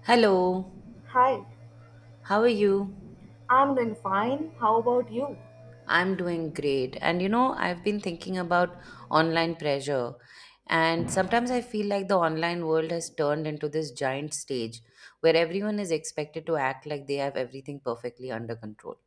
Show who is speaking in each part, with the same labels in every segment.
Speaker 1: Hello,
Speaker 2: Hi,
Speaker 1: how are you?
Speaker 2: I'm doing fine. How about you?
Speaker 1: I'm doing great. And you know, I've been thinking about online pressure. And sometimes I feel like the online world has turned into this giant stage where everyone is expected to act like they have everything perfectly under control.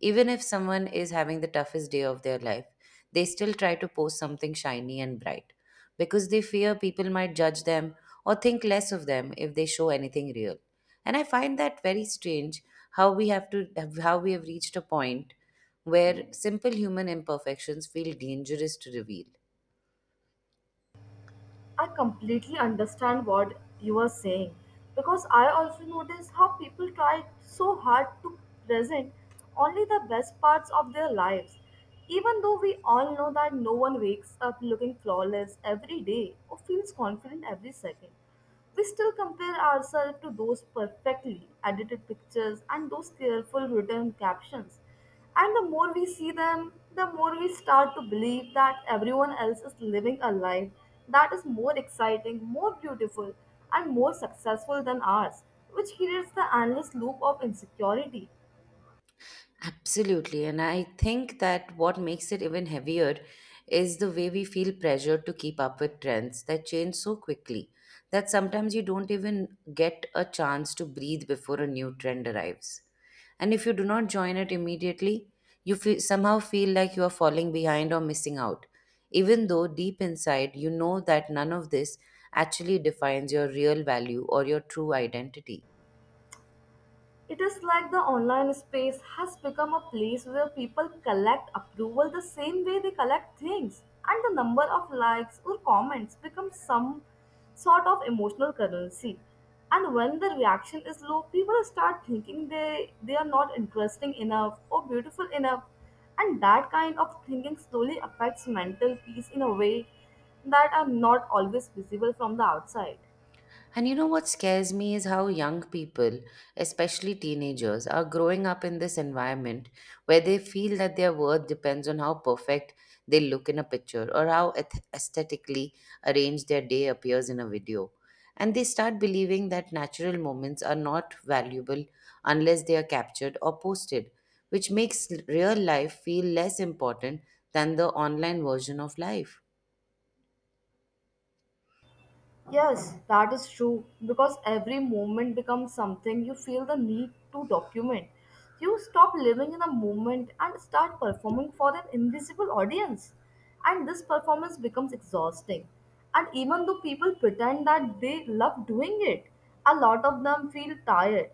Speaker 1: Even if someone is having the toughest day of their life, they still try to post something shiny and bright because they fear people might judge them or think less of them if they show anything real. And I find that very strange how we have reached a point where simple human imperfections feel dangerous to reveal.
Speaker 2: I completely understand what you are saying because I also notice how people try so hard to present only the best parts of their lives. Even though we all know that no one wakes up looking flawless every day or feels confident every second, we still compare ourselves to those perfectly edited pictures and those careful written captions. And the more we see them, the more we start to believe that everyone else is living a life that is more exciting, more beautiful, and more successful than ours, which creates the endless loop of insecurity.
Speaker 1: Absolutely. And I think that what makes it even heavier is the way we feel pressured to keep up with trends that change so quickly that sometimes you don't even get a chance to breathe before a new trend arrives. And if you do not join it immediately, you feel, somehow feel like you are falling behind or missing out, even though deep inside you know that none of this actually defines your real value or your true identity.
Speaker 2: It is like the online space has become a place where people collect approval the same way they collect things, and the number of likes or comments becomes some sort of emotional currency. And when the reaction is low, people start thinking they are not interesting enough or beautiful enough. And that kind of thinking slowly affects mental peace in a way that are not always visible from the outside.
Speaker 1: And you know what scares me is how young people, especially teenagers, are growing up in this environment where they feel that their worth depends on how perfect they look in a picture or how aesthetically arranged their day appears in a video. And they start believing that natural moments are not valuable unless they are captured or posted, which makes real life feel less important than the online version of life.
Speaker 2: Yes, that is true because every moment becomes something you feel the need to document. You stop living in the moment and start performing for an invisible audience. And this performance becomes exhausting. And even though people pretend that they love doing it, a lot of them feel tired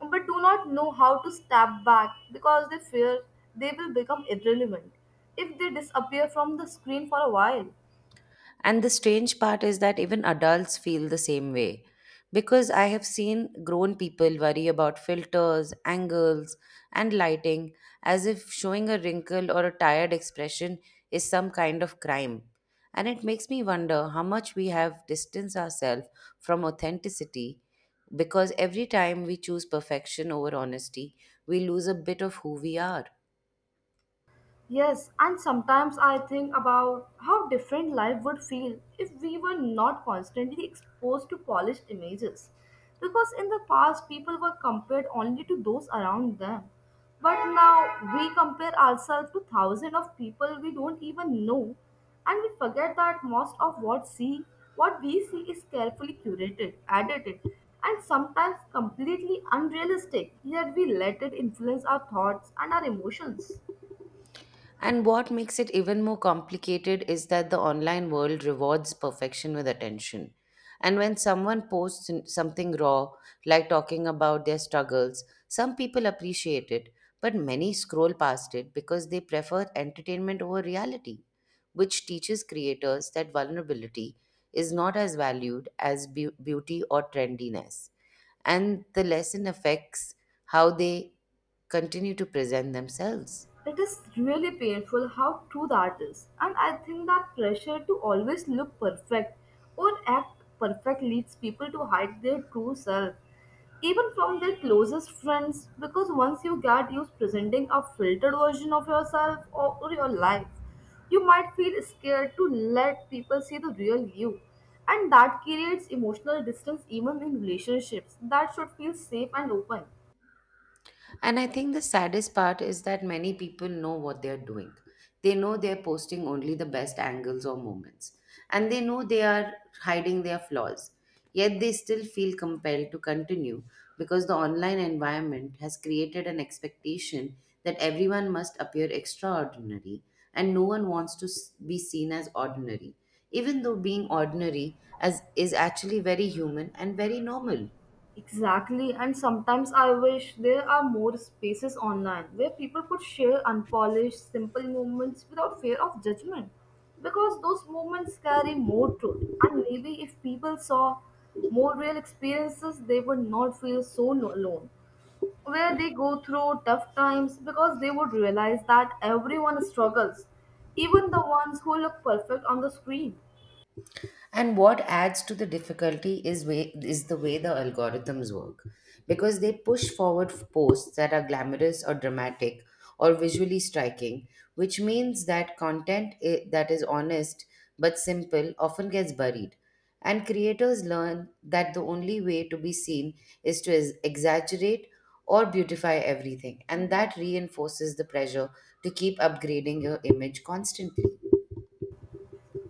Speaker 2: but do not know how to step back because they fear they will become irrelevant if they disappear from the screen for a while.
Speaker 1: And the strange part is that even adults feel the same way. Because I have seen grown people worry about filters, angles, and lighting as if showing a wrinkle or a tired expression is some kind of crime. And it makes me wonder how much we have distanced ourselves from authenticity because every time we choose perfection over honesty, we lose a bit of who we are.
Speaker 2: Yes, and sometimes I think about how different life would feel if we were not constantly exposed to polished images. Because in the past, people were compared only to those around them. But now we compare ourselves to thousands of people we don't even know, and we forget that most of what we see is carefully curated, edited, and sometimes completely unrealistic. Yet we let it influence our thoughts and our emotions.
Speaker 1: And what makes it even more complicated is that the online world rewards perfection with attention. And when someone posts something raw, like talking about their struggles, some people appreciate it, but many scroll past it because they prefer entertainment over reality, which teaches creators that vulnerability is not as valued as beauty or trendiness. And the lesson affects how they continue to present themselves.
Speaker 2: It is really painful how true that is, and I think that pressure to always look perfect or act perfect leads people to hide their true self, even from their closest friends, because once you get used presenting a filtered version of yourself or your life, you might feel scared to let people see the real you. And that creates emotional distance even in relationships that should feel safe and open.
Speaker 1: And I think the saddest part is that many people know what they're doing. They know they're posting only the best angles or moments. And they know they are hiding their flaws. Yet they still feel compelled to continue because the online environment has created an expectation that everyone must appear extraordinary and no one wants to be seen as ordinary, even though being ordinary is actually very human and very normal.
Speaker 2: Exactly, and sometimes I wish there are more spaces online where people could share unpolished, simple moments without fear of judgment because those moments carry more truth. And maybe if people saw more real experiences, they would not feel so alone. Where they go through tough times because they would realize that everyone struggles, even the ones who look perfect on the screen.
Speaker 1: And what adds to the difficulty is way is the way the algorithms work, because they push forward posts that are glamorous or dramatic or visually striking, which means that content that is honest but simple often gets buried. And creators learn that the only way to be seen is to exaggerate or beautify everything, and that reinforces the pressure to keep upgrading your image constantly.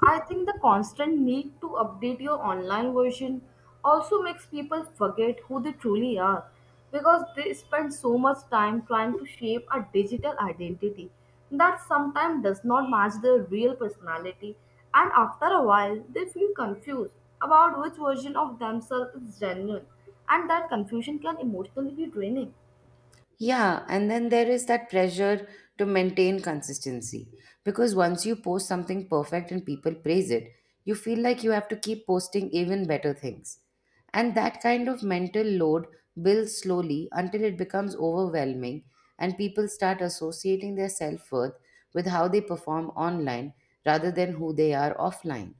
Speaker 2: I think the constant need to update your online version also makes people forget who they truly are because they spend so much time trying to shape a digital identity that sometimes does not match their real personality, and after a while they feel confused about which version of themselves is genuine, and that confusion can emotionally be draining.
Speaker 1: Yeah, and then there is that pressure to maintain consistency because once you post something perfect and people praise it, you feel like you have to keep posting even better things. And that kind of mental load builds slowly until it becomes overwhelming and people start associating their self worth with how they perform online rather than who they are offline.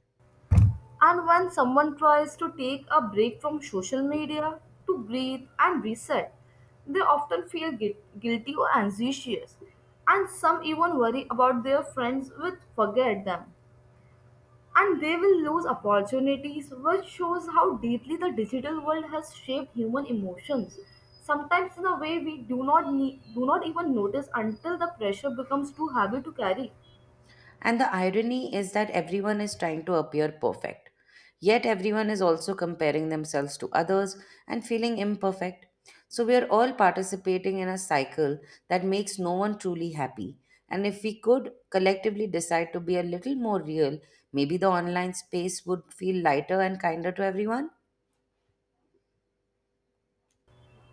Speaker 2: And when someone tries to take a break from social media to breathe and reset, they often feel guilty or anxious. And some even worry about their friends which forget them. And they will lose opportunities, which shows how deeply the digital world has shaped human emotions. Sometimes in a way we do not need, do not even notice until the pressure becomes too heavy to carry.
Speaker 1: And the irony is that everyone is trying to appear perfect. Yet everyone is also comparing themselves to others and feeling imperfect. So we are all participating in a cycle that makes no one truly happy. And if we could collectively decide to be a little more real, maybe the online space would feel lighter and kinder to everyone.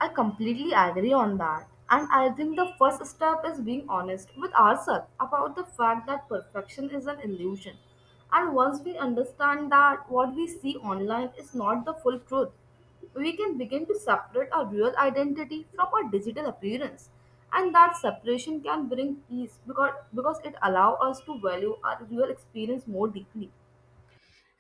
Speaker 2: I completely agree on that. And I think the first step is being honest with ourselves about the fact that perfection is an illusion. And once we understand that what we see online is not the full truth, we can begin to separate our real identity from our digital appearance. And that separation can bring peace because it allows us to value our real experience more deeply.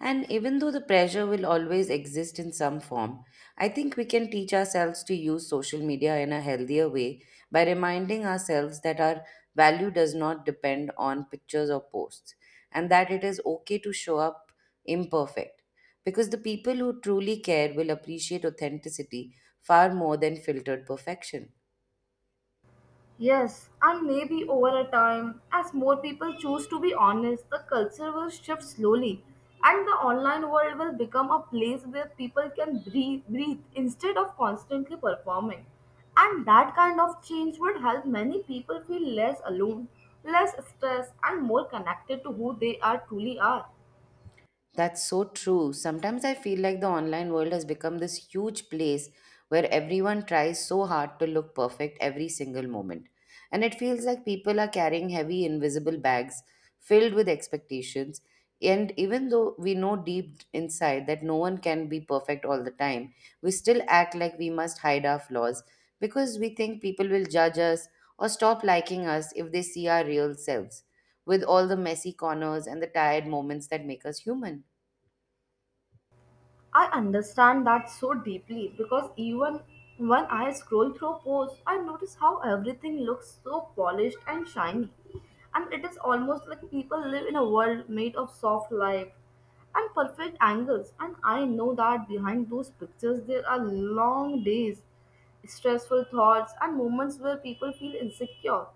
Speaker 1: And even though the pressure will always exist in some form, I think we can teach ourselves to use social media in a healthier way by reminding ourselves that our value does not depend on pictures or posts and that it is okay to show up imperfect. Because the people who truly care will appreciate authenticity far more than filtered perfection.
Speaker 2: Yes, and maybe over a time, as more people choose to be honest, the culture will shift slowly, and the online world will become a place where people can breathe instead of constantly performing. And that kind of change would help many people feel less alone, less stressed, and more connected to who they are truly are.
Speaker 1: That's so true. Sometimes I feel like the online world has become this huge place where everyone tries so hard to look perfect every single moment. And it feels like people are carrying heavy, invisible bags filled with expectations. And even though we know deep inside that no one can be perfect all the time, we still act like we must hide our flaws because we think people will judge us or stop liking us if they see our real selves, with all the messy corners and the tired moments that make us human.
Speaker 2: I understand that so deeply because even when I scroll through posts, I notice how everything looks so polished and shiny. And it is almost like people live in a world made of soft light and perfect angles. And I know that behind those pictures, there are long days, stressful thoughts, and moments where people feel insecure.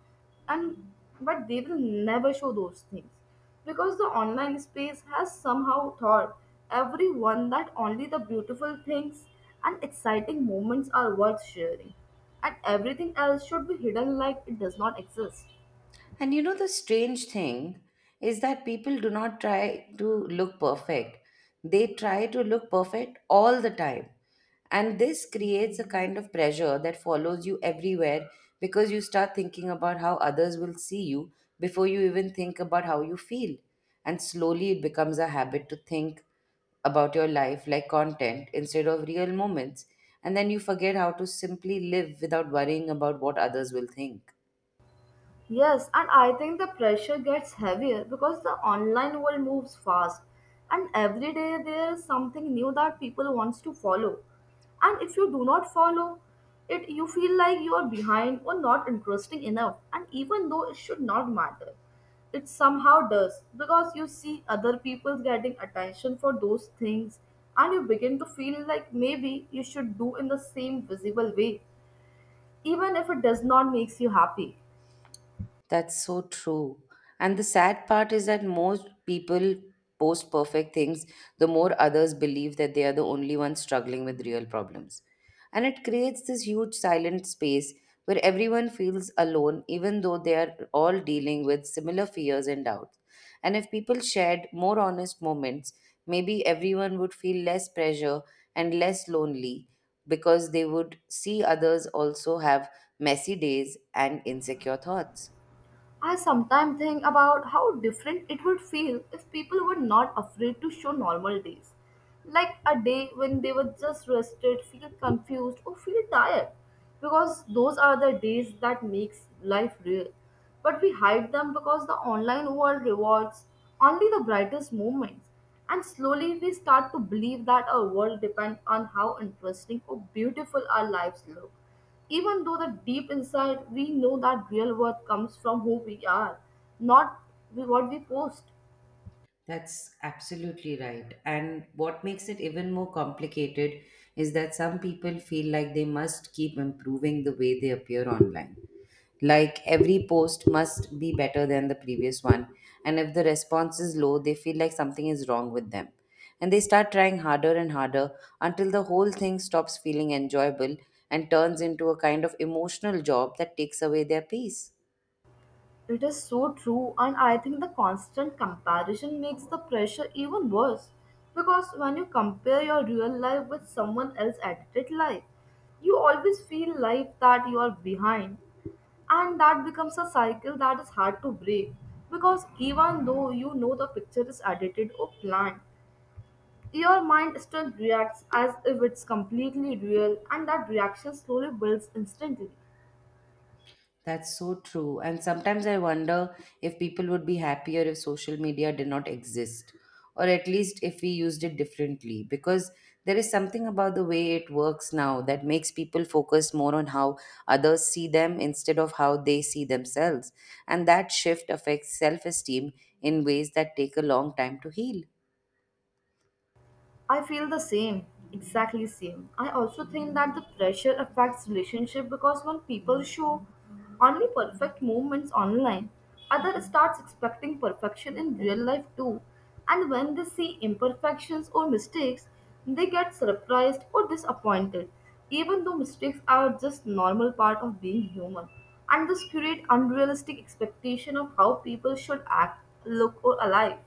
Speaker 2: And but they will never show those things because the online space has somehow taught everyone that only the beautiful things and exciting moments are worth sharing, and everything else should be hidden like it does not exist.
Speaker 1: And you know, the strange thing is that people do not try to look perfect. They try to look perfect all the time. And this creates a kind of pressure that follows you everywhere because you start thinking about how others will see you before you even think about how you feel. And slowly it becomes a habit to think about your life like content instead of real moments. And then you forget how to simply live without worrying about what others will think.
Speaker 2: Yes, and I think the pressure gets heavier because the online world moves fast, and every day there is something new that people wants to follow. And if you do not follow it, you feel like you are behind or not interesting enough. And even though it should not matter, it somehow does because you see other people getting attention for those things, and you begin to feel like maybe you should do in the same visible way even if it does not makes you happy.
Speaker 1: That's so true. And the sad part is that most people post perfect things, the more others believe that they are the only ones struggling with real problems. And it creates this huge silent space where everyone feels alone, even though they are all dealing with similar fears and doubts. And if people shared more honest moments, maybe everyone would feel less pressure and less lonely because they would see others also have messy days and insecure thoughts.
Speaker 2: I sometimes think about how different it would feel if people were not afraid to show normal days. Like a day when they were just rested, feel confused, or feel tired. Because those are the days that makes life real. But we hide them because the online world rewards only the brightest moments. And slowly we start to believe that our world depends on how interesting or beautiful our lives look. Even though the deep inside we know that real worth comes from who we are, not what we post.
Speaker 1: That's absolutely right. And what makes it even more complicated is that some people feel like they must keep improving the way they appear online. Like every post must be better than the previous one. And if the response is low, they feel like something is wrong with them. And they start trying harder and harder until the whole thing stops feeling enjoyable and turns into a kind of emotional job that takes away their peace.
Speaker 2: It is so true, and I think the constant comparison makes the pressure even worse because when you compare your real life with someone else's edited life, you always feel like that you are behind, and that becomes a cycle that is hard to break because even though you know the picture is edited or planned, your mind still reacts as if it's completely real, and that reaction slowly builds instantly.
Speaker 1: That's so true. And sometimes I wonder if people would be happier if social media did not exist, or at least if we used it differently, because there is something about the way it works now that makes people focus more on how others see them instead of how they see themselves. And that shift affects self esteem in ways that take a long time to heal.
Speaker 2: I feel the same, exactly same. I also think that the pressure affects relationship because when people show only perfect moments online, other starts expecting perfection in real life too. And when they see imperfections or mistakes, they get surprised or disappointed, even though mistakes are just normal part of being human. And this create unrealistic expectation of how people should act, look or alive.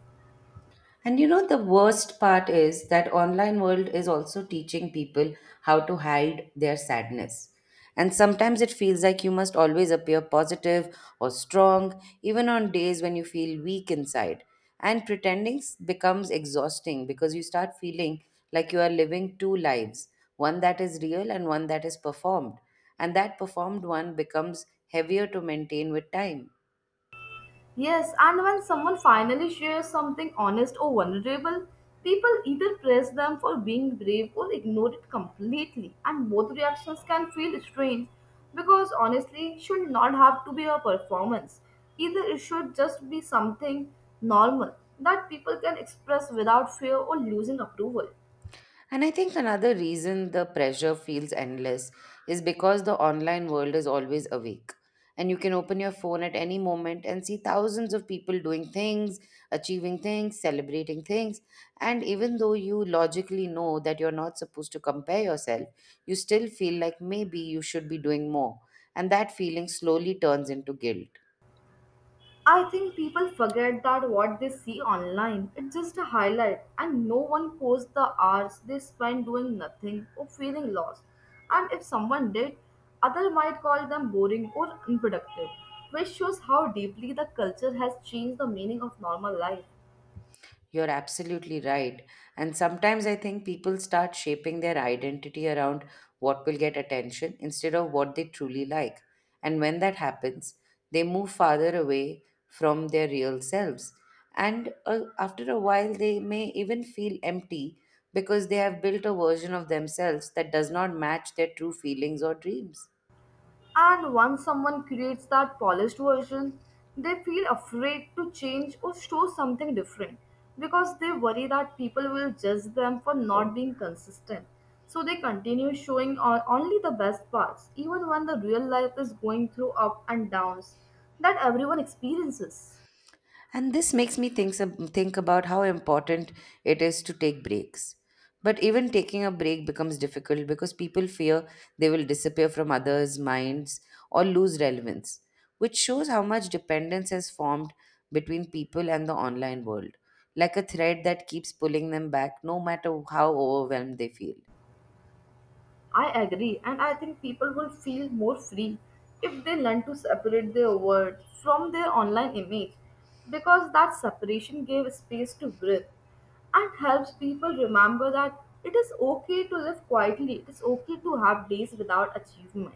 Speaker 1: And you know, the worst part is that online world is also teaching people how to hide their sadness. And sometimes it feels like you must always appear positive or strong, even on days when you feel weak inside. And pretending becomes exhausting because you start feeling like you are living two lives, one that is real and one that is performed. And that performed one becomes heavier to maintain with time.
Speaker 2: Yes, and when someone finally shares something honest or vulnerable, people either praise them for being brave or ignore it completely. And both reactions can feel strange because honestly should not have to be a performance. Either it should just be something normal that people can express without fear or losing approval.
Speaker 1: And I think another reason the pressure feels endless is because the online world is always awake. And you can open your phone at any moment and see thousands of people doing things, achieving things, celebrating things. And even though you logically know that you're not supposed to compare yourself, you still feel like maybe you should be doing more. And that feeling slowly turns into guilt.
Speaker 2: I think people forget that what they see online, it's just a highlight, and no one posts the hours they spend doing nothing or feeling lost. And if someone did, others might call them boring or unproductive, which shows how deeply the culture has changed the meaning of normal life.
Speaker 1: You're absolutely right. And sometimes I think people start shaping their identity around what will get attention instead of what they truly like. And when that happens, they move farther away from their real selves. And after a while, they may even feel empty because they have built a version of themselves that does not match their true feelings or dreams.
Speaker 2: And once someone creates that polished version, they feel afraid to change or show something different because they worry that people will judge them for not being consistent. So they continue showing on only the best parts, even when the real life is going through up and downs that everyone experiences.
Speaker 1: And this makes me think about how important it is to take breaks. But even taking a break becomes difficult because people fear they will disappear from others' minds or lose relevance, which shows how much dependence has formed between people and the online world, like a thread that keeps pulling them back no matter how overwhelmed they feel.
Speaker 2: I agree, and I think people will feel more free if they learn to separate their words from their online image because that separation gave space to breathe and helps people remember that it is okay to live quietly, it is okay to have days without achievement,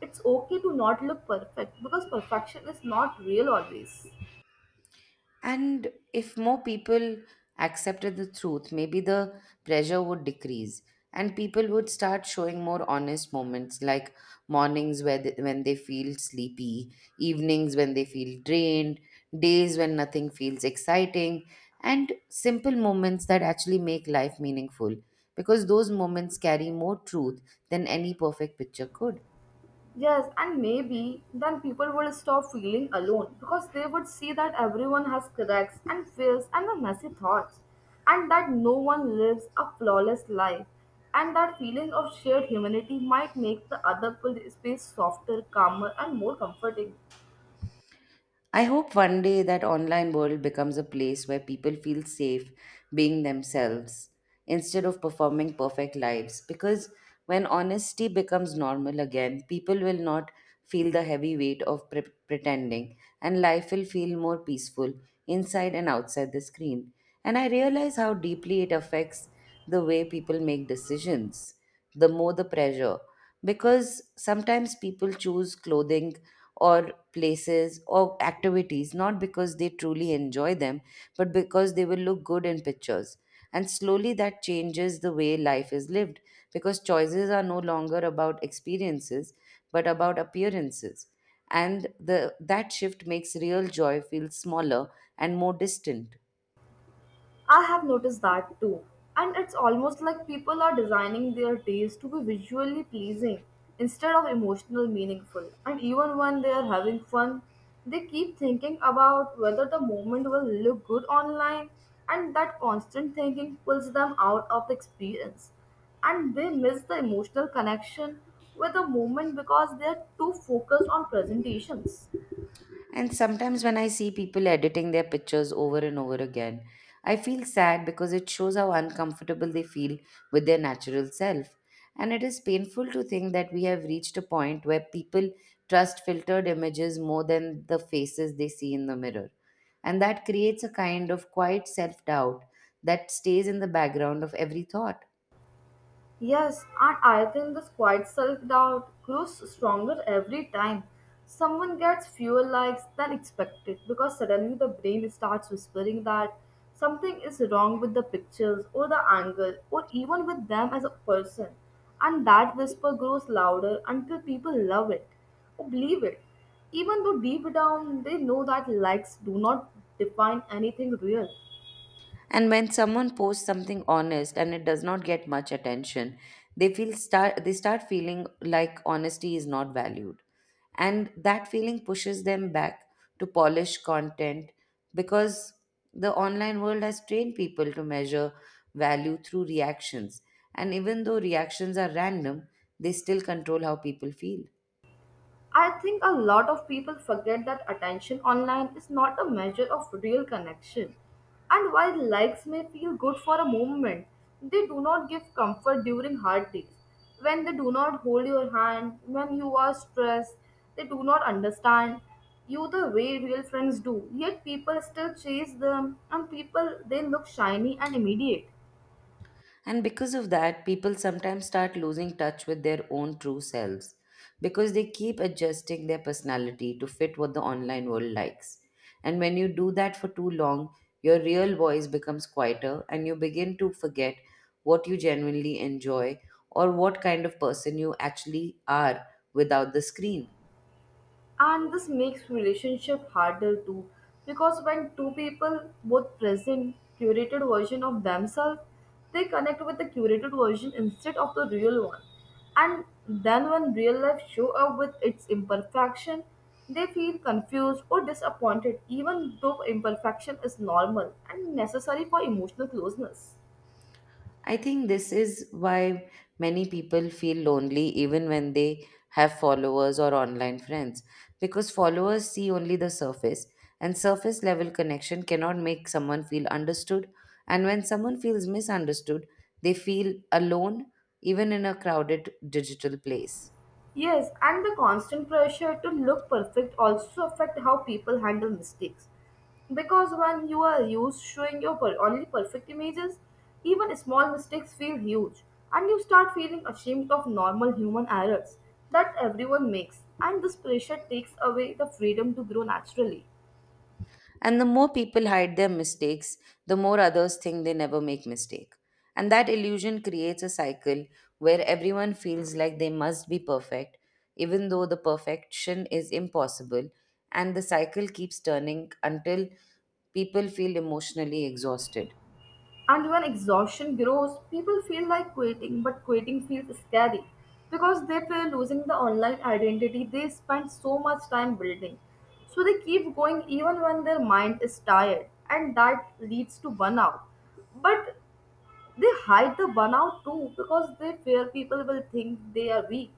Speaker 2: it's okay to not look perfect because perfection is not real always.
Speaker 1: And if more people accepted the truth, maybe the pressure would decrease and people would start showing more honest moments like mornings when they feel sleepy, evenings when they feel drained, days when nothing feels exciting, and simple moments that actually make life meaningful because those moments carry more truth than any perfect picture could.
Speaker 2: Yes, and maybe then people would stop feeling alone because they would see that everyone has cracks and fears and the messy thoughts, and that no one lives a flawless life. And that feeling of shared humanity might make the other space softer, calmer, and more comforting.
Speaker 1: I hope one day that online world becomes a place where people feel safe being themselves instead of performing perfect lives because when honesty becomes normal again people will not feel the heavy weight of pretending and life will feel more peaceful inside and outside the screen. And I realize how deeply it affects the way people make decisions, the more the pressure, because sometimes people choose clothing or places or activities not because they truly enjoy them but because they will look good in pictures. And slowly that changes the way life is lived because choices are no longer about experiences but about appearances. And the that shift makes real joy feel smaller and more distant.
Speaker 2: I have noticed that too. And it's almost like people are designing their days to be visually pleasing instead of emotional meaningful. And even when they are having fun, they keep thinking about whether the moment will look good online, and that constant thinking pulls them out of the experience. And they miss the emotional connection with the moment because they are too focused on presentations.
Speaker 1: And sometimes when I see people editing their pictures over and over again, I feel sad because it shows how uncomfortable they feel with their natural self. And it is painful to think that we have reached a point where people trust filtered images more than the faces they see in the mirror. And that creates a kind of quiet self doubt that stays in the background of every thought.
Speaker 2: Yes, and I think this quiet self doubt grows stronger every time someone gets fewer likes than expected because suddenly the brain starts whispering that something is wrong with the pictures or the angle or even with them as a person. And that whisper grows louder until people love it or believe it, even though deep down they know that likes do not define anything real.
Speaker 1: And when someone posts something honest and it does not get much attention, they start feeling like honesty is not valued. And that feeling pushes them back to polish content because the online world has trained people to measure value through reactions. And even though reactions are random, they still control how people feel.
Speaker 2: I think a lot of people forget that attention online is not a measure of real connection. And while likes may feel good for a moment, they do not give comfort during hard days. When they do not hold your hand, when you are stressed, they do not understand you the way real friends do. Yet people still chase them, and people they look shiny and immediate.
Speaker 1: And because of that, people sometimes start losing touch with their own true selves because they keep adjusting their personality to fit what the online world likes. And when you do that for too long, your real voice becomes quieter and you begin to forget what you genuinely enjoy or what kind of person you actually are without the screen.
Speaker 2: And this makes relationship harder too, because when two people both present curated version of themselves they connect with the curated version instead of the real one, and then when real life show up with its imperfection they feel confused or disappointed, even though imperfection is normal and necessary for emotional closeness.
Speaker 1: I think this is why many people feel lonely even when they have followers or online friends, because followers see only the surface, and surface level connection cannot make someone feel understood. And when someone feels misunderstood, they feel alone, even in a crowded digital place.
Speaker 2: Yes, and the constant pressure to look perfect also affect how people handle mistakes. Because when you are used showing your only perfect images, even small mistakes feel huge, and you start feeling ashamed of normal human errors that everyone makes. And this pressure takes away the freedom to grow naturally.
Speaker 1: And the more people hide their mistakes, the more others think they never make mistake. And that illusion creates a cycle where everyone feels like they must be perfect, even though the perfection is impossible. And the cycle keeps turning until people feel emotionally exhausted.
Speaker 2: And when exhaustion grows, people feel like quitting, but quitting feels scary because they fear losing the online identity they spent so much time building. So they keep going even when their mind is tired, and that leads to burnout. But they hide the burnout too because they fear people will think they are weak.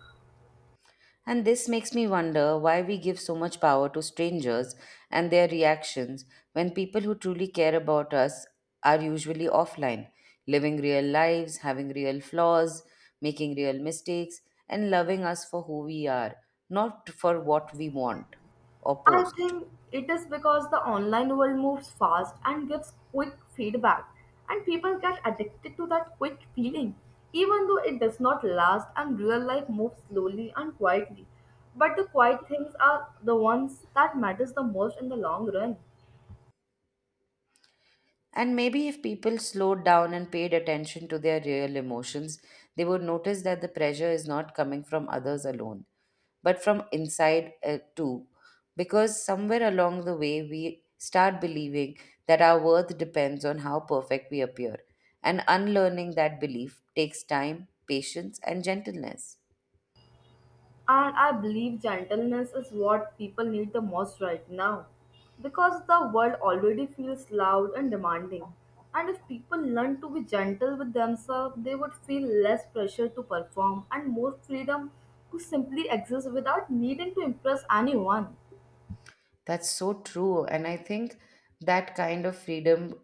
Speaker 1: And this makes me wonder why we give so much power to strangers and their reactions when people who truly care about us are usually offline, living real lives, having real flaws, making real mistakes, and loving us for who we are, not for what we want or
Speaker 2: I
Speaker 1: post.
Speaker 2: think it is because the online world moves fast and gives quick feedback, and people get addicted to that quick feeling, even though it does not last and real life moves slowly and quietly. But the quiet things are the ones that matters the most in the long run.
Speaker 1: And maybe if people slowed down and paid attention to their real emotions, they would notice that the pressure is not coming from others alone, but from inside too. Because somewhere along the way, we start believing that our worth depends on how perfect we appear. And unlearning that belief takes time, patience, and gentleness.
Speaker 2: And I believe gentleness is what people need the most right now because the world already feels loud and demanding. And if people learn to be gentle with themselves, they would feel less pressure to perform and more freedom to simply exist without needing to impress anyone.
Speaker 1: That's so true. And I think that kind of freedom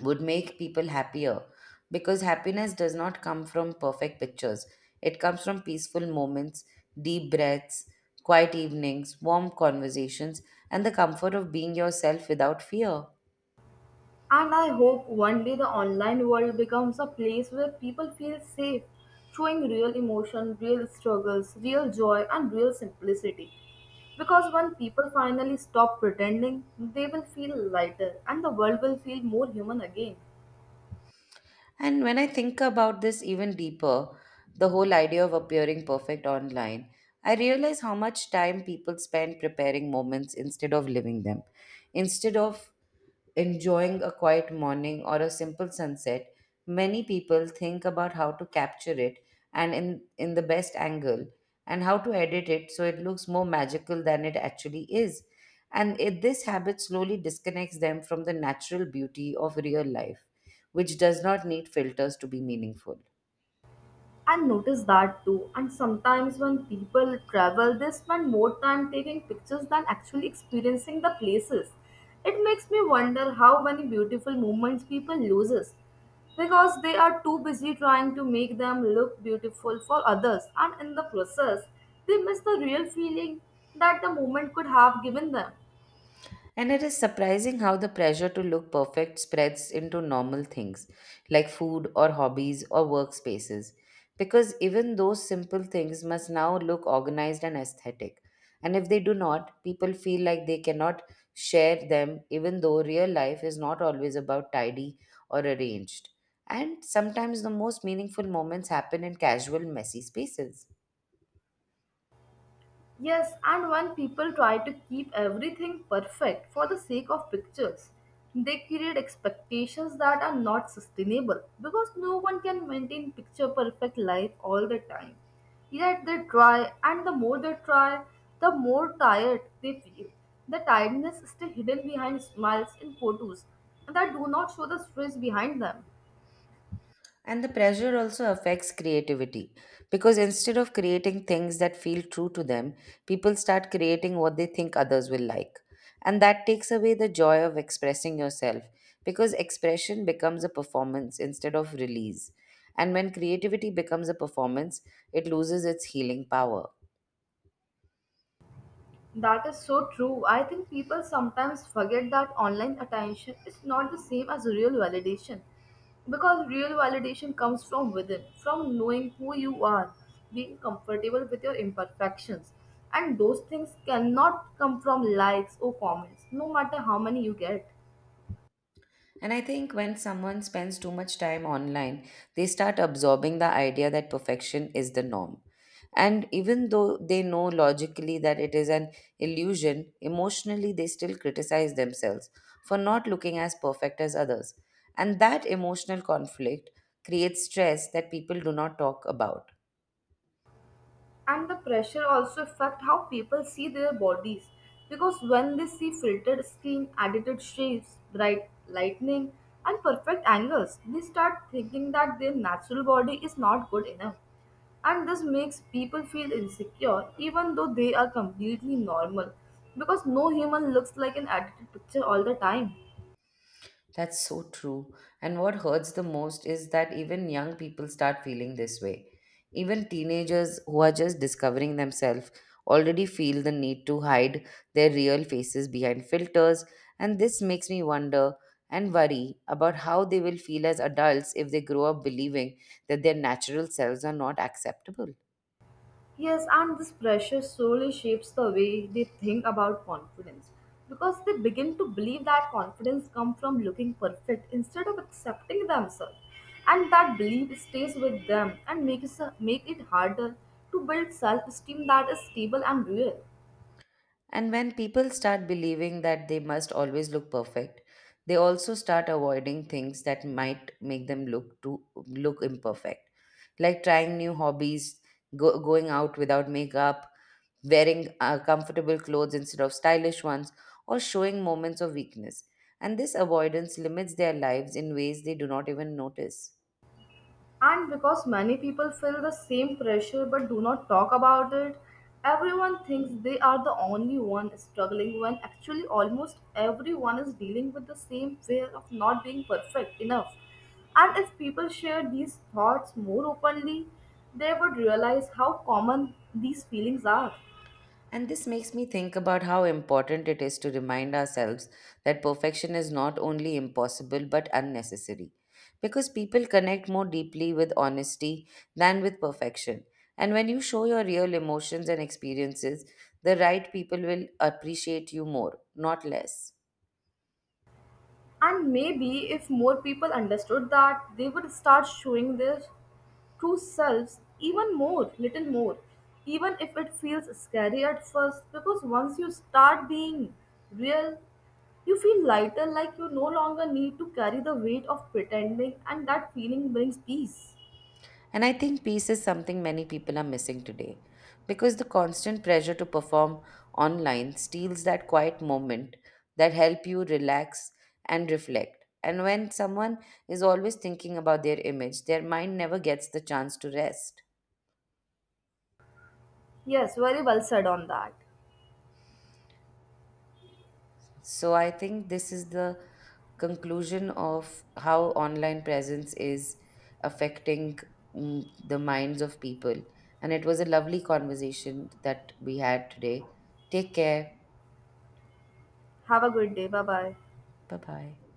Speaker 1: would make people happier because happiness does not come from perfect pictures. It comes from peaceful moments, deep breaths, quiet evenings, warm conversations, and the comfort of being yourself without fear.
Speaker 2: And I hope one day the online world becomes a place where people feel safe, showing real emotion, real struggles, real joy, and real simplicity. Because when people finally stop pretending, they will feel lighter and the world will feel more human again.
Speaker 1: And when I think about this even deeper, the whole idea of appearing perfect online, I realize how much time people spend preparing moments instead of living them. Instead of enjoying a quiet morning or a simple sunset, many people think about how to capture it and in the best angle and how to edit it so it looks more magical than it actually is. And this habit slowly disconnects them from the natural beauty of real life which does not need filters to be meaningful.
Speaker 2: I notice that too. And sometimes when people travel, they spend more time taking pictures than actually experiencing the places. It makes me wonder how many beautiful moments people loses because they are too busy trying to make them look beautiful for others, and in the process they miss the real feeling that the moment could have given them.
Speaker 1: And it is surprising how the pressure to look perfect spreads into normal things like food or hobbies or workspaces. Because even those simple things must now look organized and aesthetic. And if they do not, people feel like they cannot share them, even though real life is not always about tidy or arranged. And sometimes the most meaningful moments happen in casual, messy spaces.
Speaker 2: Yes, and when people try to keep everything perfect for the sake of pictures, they create expectations that are not sustainable because no one can maintain picture perfect life all the time. Yet they try, and the more they try, the more tired they feel. The tiredness is still hidden behind smiles in photos that do not show the stress behind them.
Speaker 1: And the pressure also affects creativity because instead of creating things that feel true to them, people start creating what they think others will like. And that takes away the joy of expressing yourself because expression becomes a performance instead of release. And when creativity becomes a performance, it loses its healing power.
Speaker 2: That is so true. I think people sometimes forget that online attention is not the same as real validation. Because real validation comes from within, from knowing who you are, being comfortable with your imperfections. And those things cannot come from likes or comments, no matter how many you get.
Speaker 1: And I think when someone spends too much time online, they start absorbing the idea that perfection is the norm. And even though they know logically that it is an illusion, emotionally they still criticize themselves for not looking as perfect as others. And that emotional conflict creates stress that people do not talk about.
Speaker 2: And the pressure also affect how people see their bodies, because when they see filtered skin, edited shapes, bright lightning, and perfect angles, they start thinking that their natural body is not good enough. And this makes people feel insecure, even though they are completely normal, because no human looks like an edited picture all the time.
Speaker 1: That's so true. And what hurts the most is that even young people start feeling this way. Even teenagers who are just discovering themselves already feel the need to hide their real faces behind filters. And this makes me wonder and worry about how they will feel as adults if they grow up believing that their natural selves are not acceptable.
Speaker 2: Yes, and this pressure slowly shapes the way they think about confidence because they begin to believe that confidence comes from looking perfect instead of accepting themselves. And that belief stays with them and makes make it harder to build self esteem that is stable and real.
Speaker 1: And when people start believing that they must always look perfect, they also start avoiding things that might make them look too look imperfect, like trying new hobbies, going out without makeup, wearing comfortable clothes instead of stylish ones, or showing moments of weakness. And this avoidance limits their lives in ways they do not even notice.
Speaker 2: And because many people feel the same pressure but do not talk about it, everyone thinks they are the only one struggling when actually almost everyone is dealing with the same fear of not being perfect enough. And if people shared these thoughts more openly, they would realize how common these feelings are.
Speaker 1: And this makes me think about how important it is to remind ourselves that perfection is not only impossible but unnecessary. Because people connect more deeply with honesty than with perfection. And when you show your real emotions and experiences, the right people will appreciate you more, not less.
Speaker 2: And maybe if more people understood that, they would start showing their true selves even more, little more. Even if it feels scary at first, because once you start being real, you feel lighter, like you no longer need to carry the weight of pretending, and that feeling brings peace.
Speaker 1: And I think peace is something many people are missing today because the constant pressure to perform online steals that quiet moment that help you relax and reflect. And when someone is always thinking about their image, their mind never gets the chance to rest.
Speaker 2: Yes, very well said on that.
Speaker 1: So I think this is the conclusion of how online presence is affecting the minds of people. And it was a lovely conversation that we had today. Take care.
Speaker 2: Have a good day. Bye bye.
Speaker 1: Bye bye.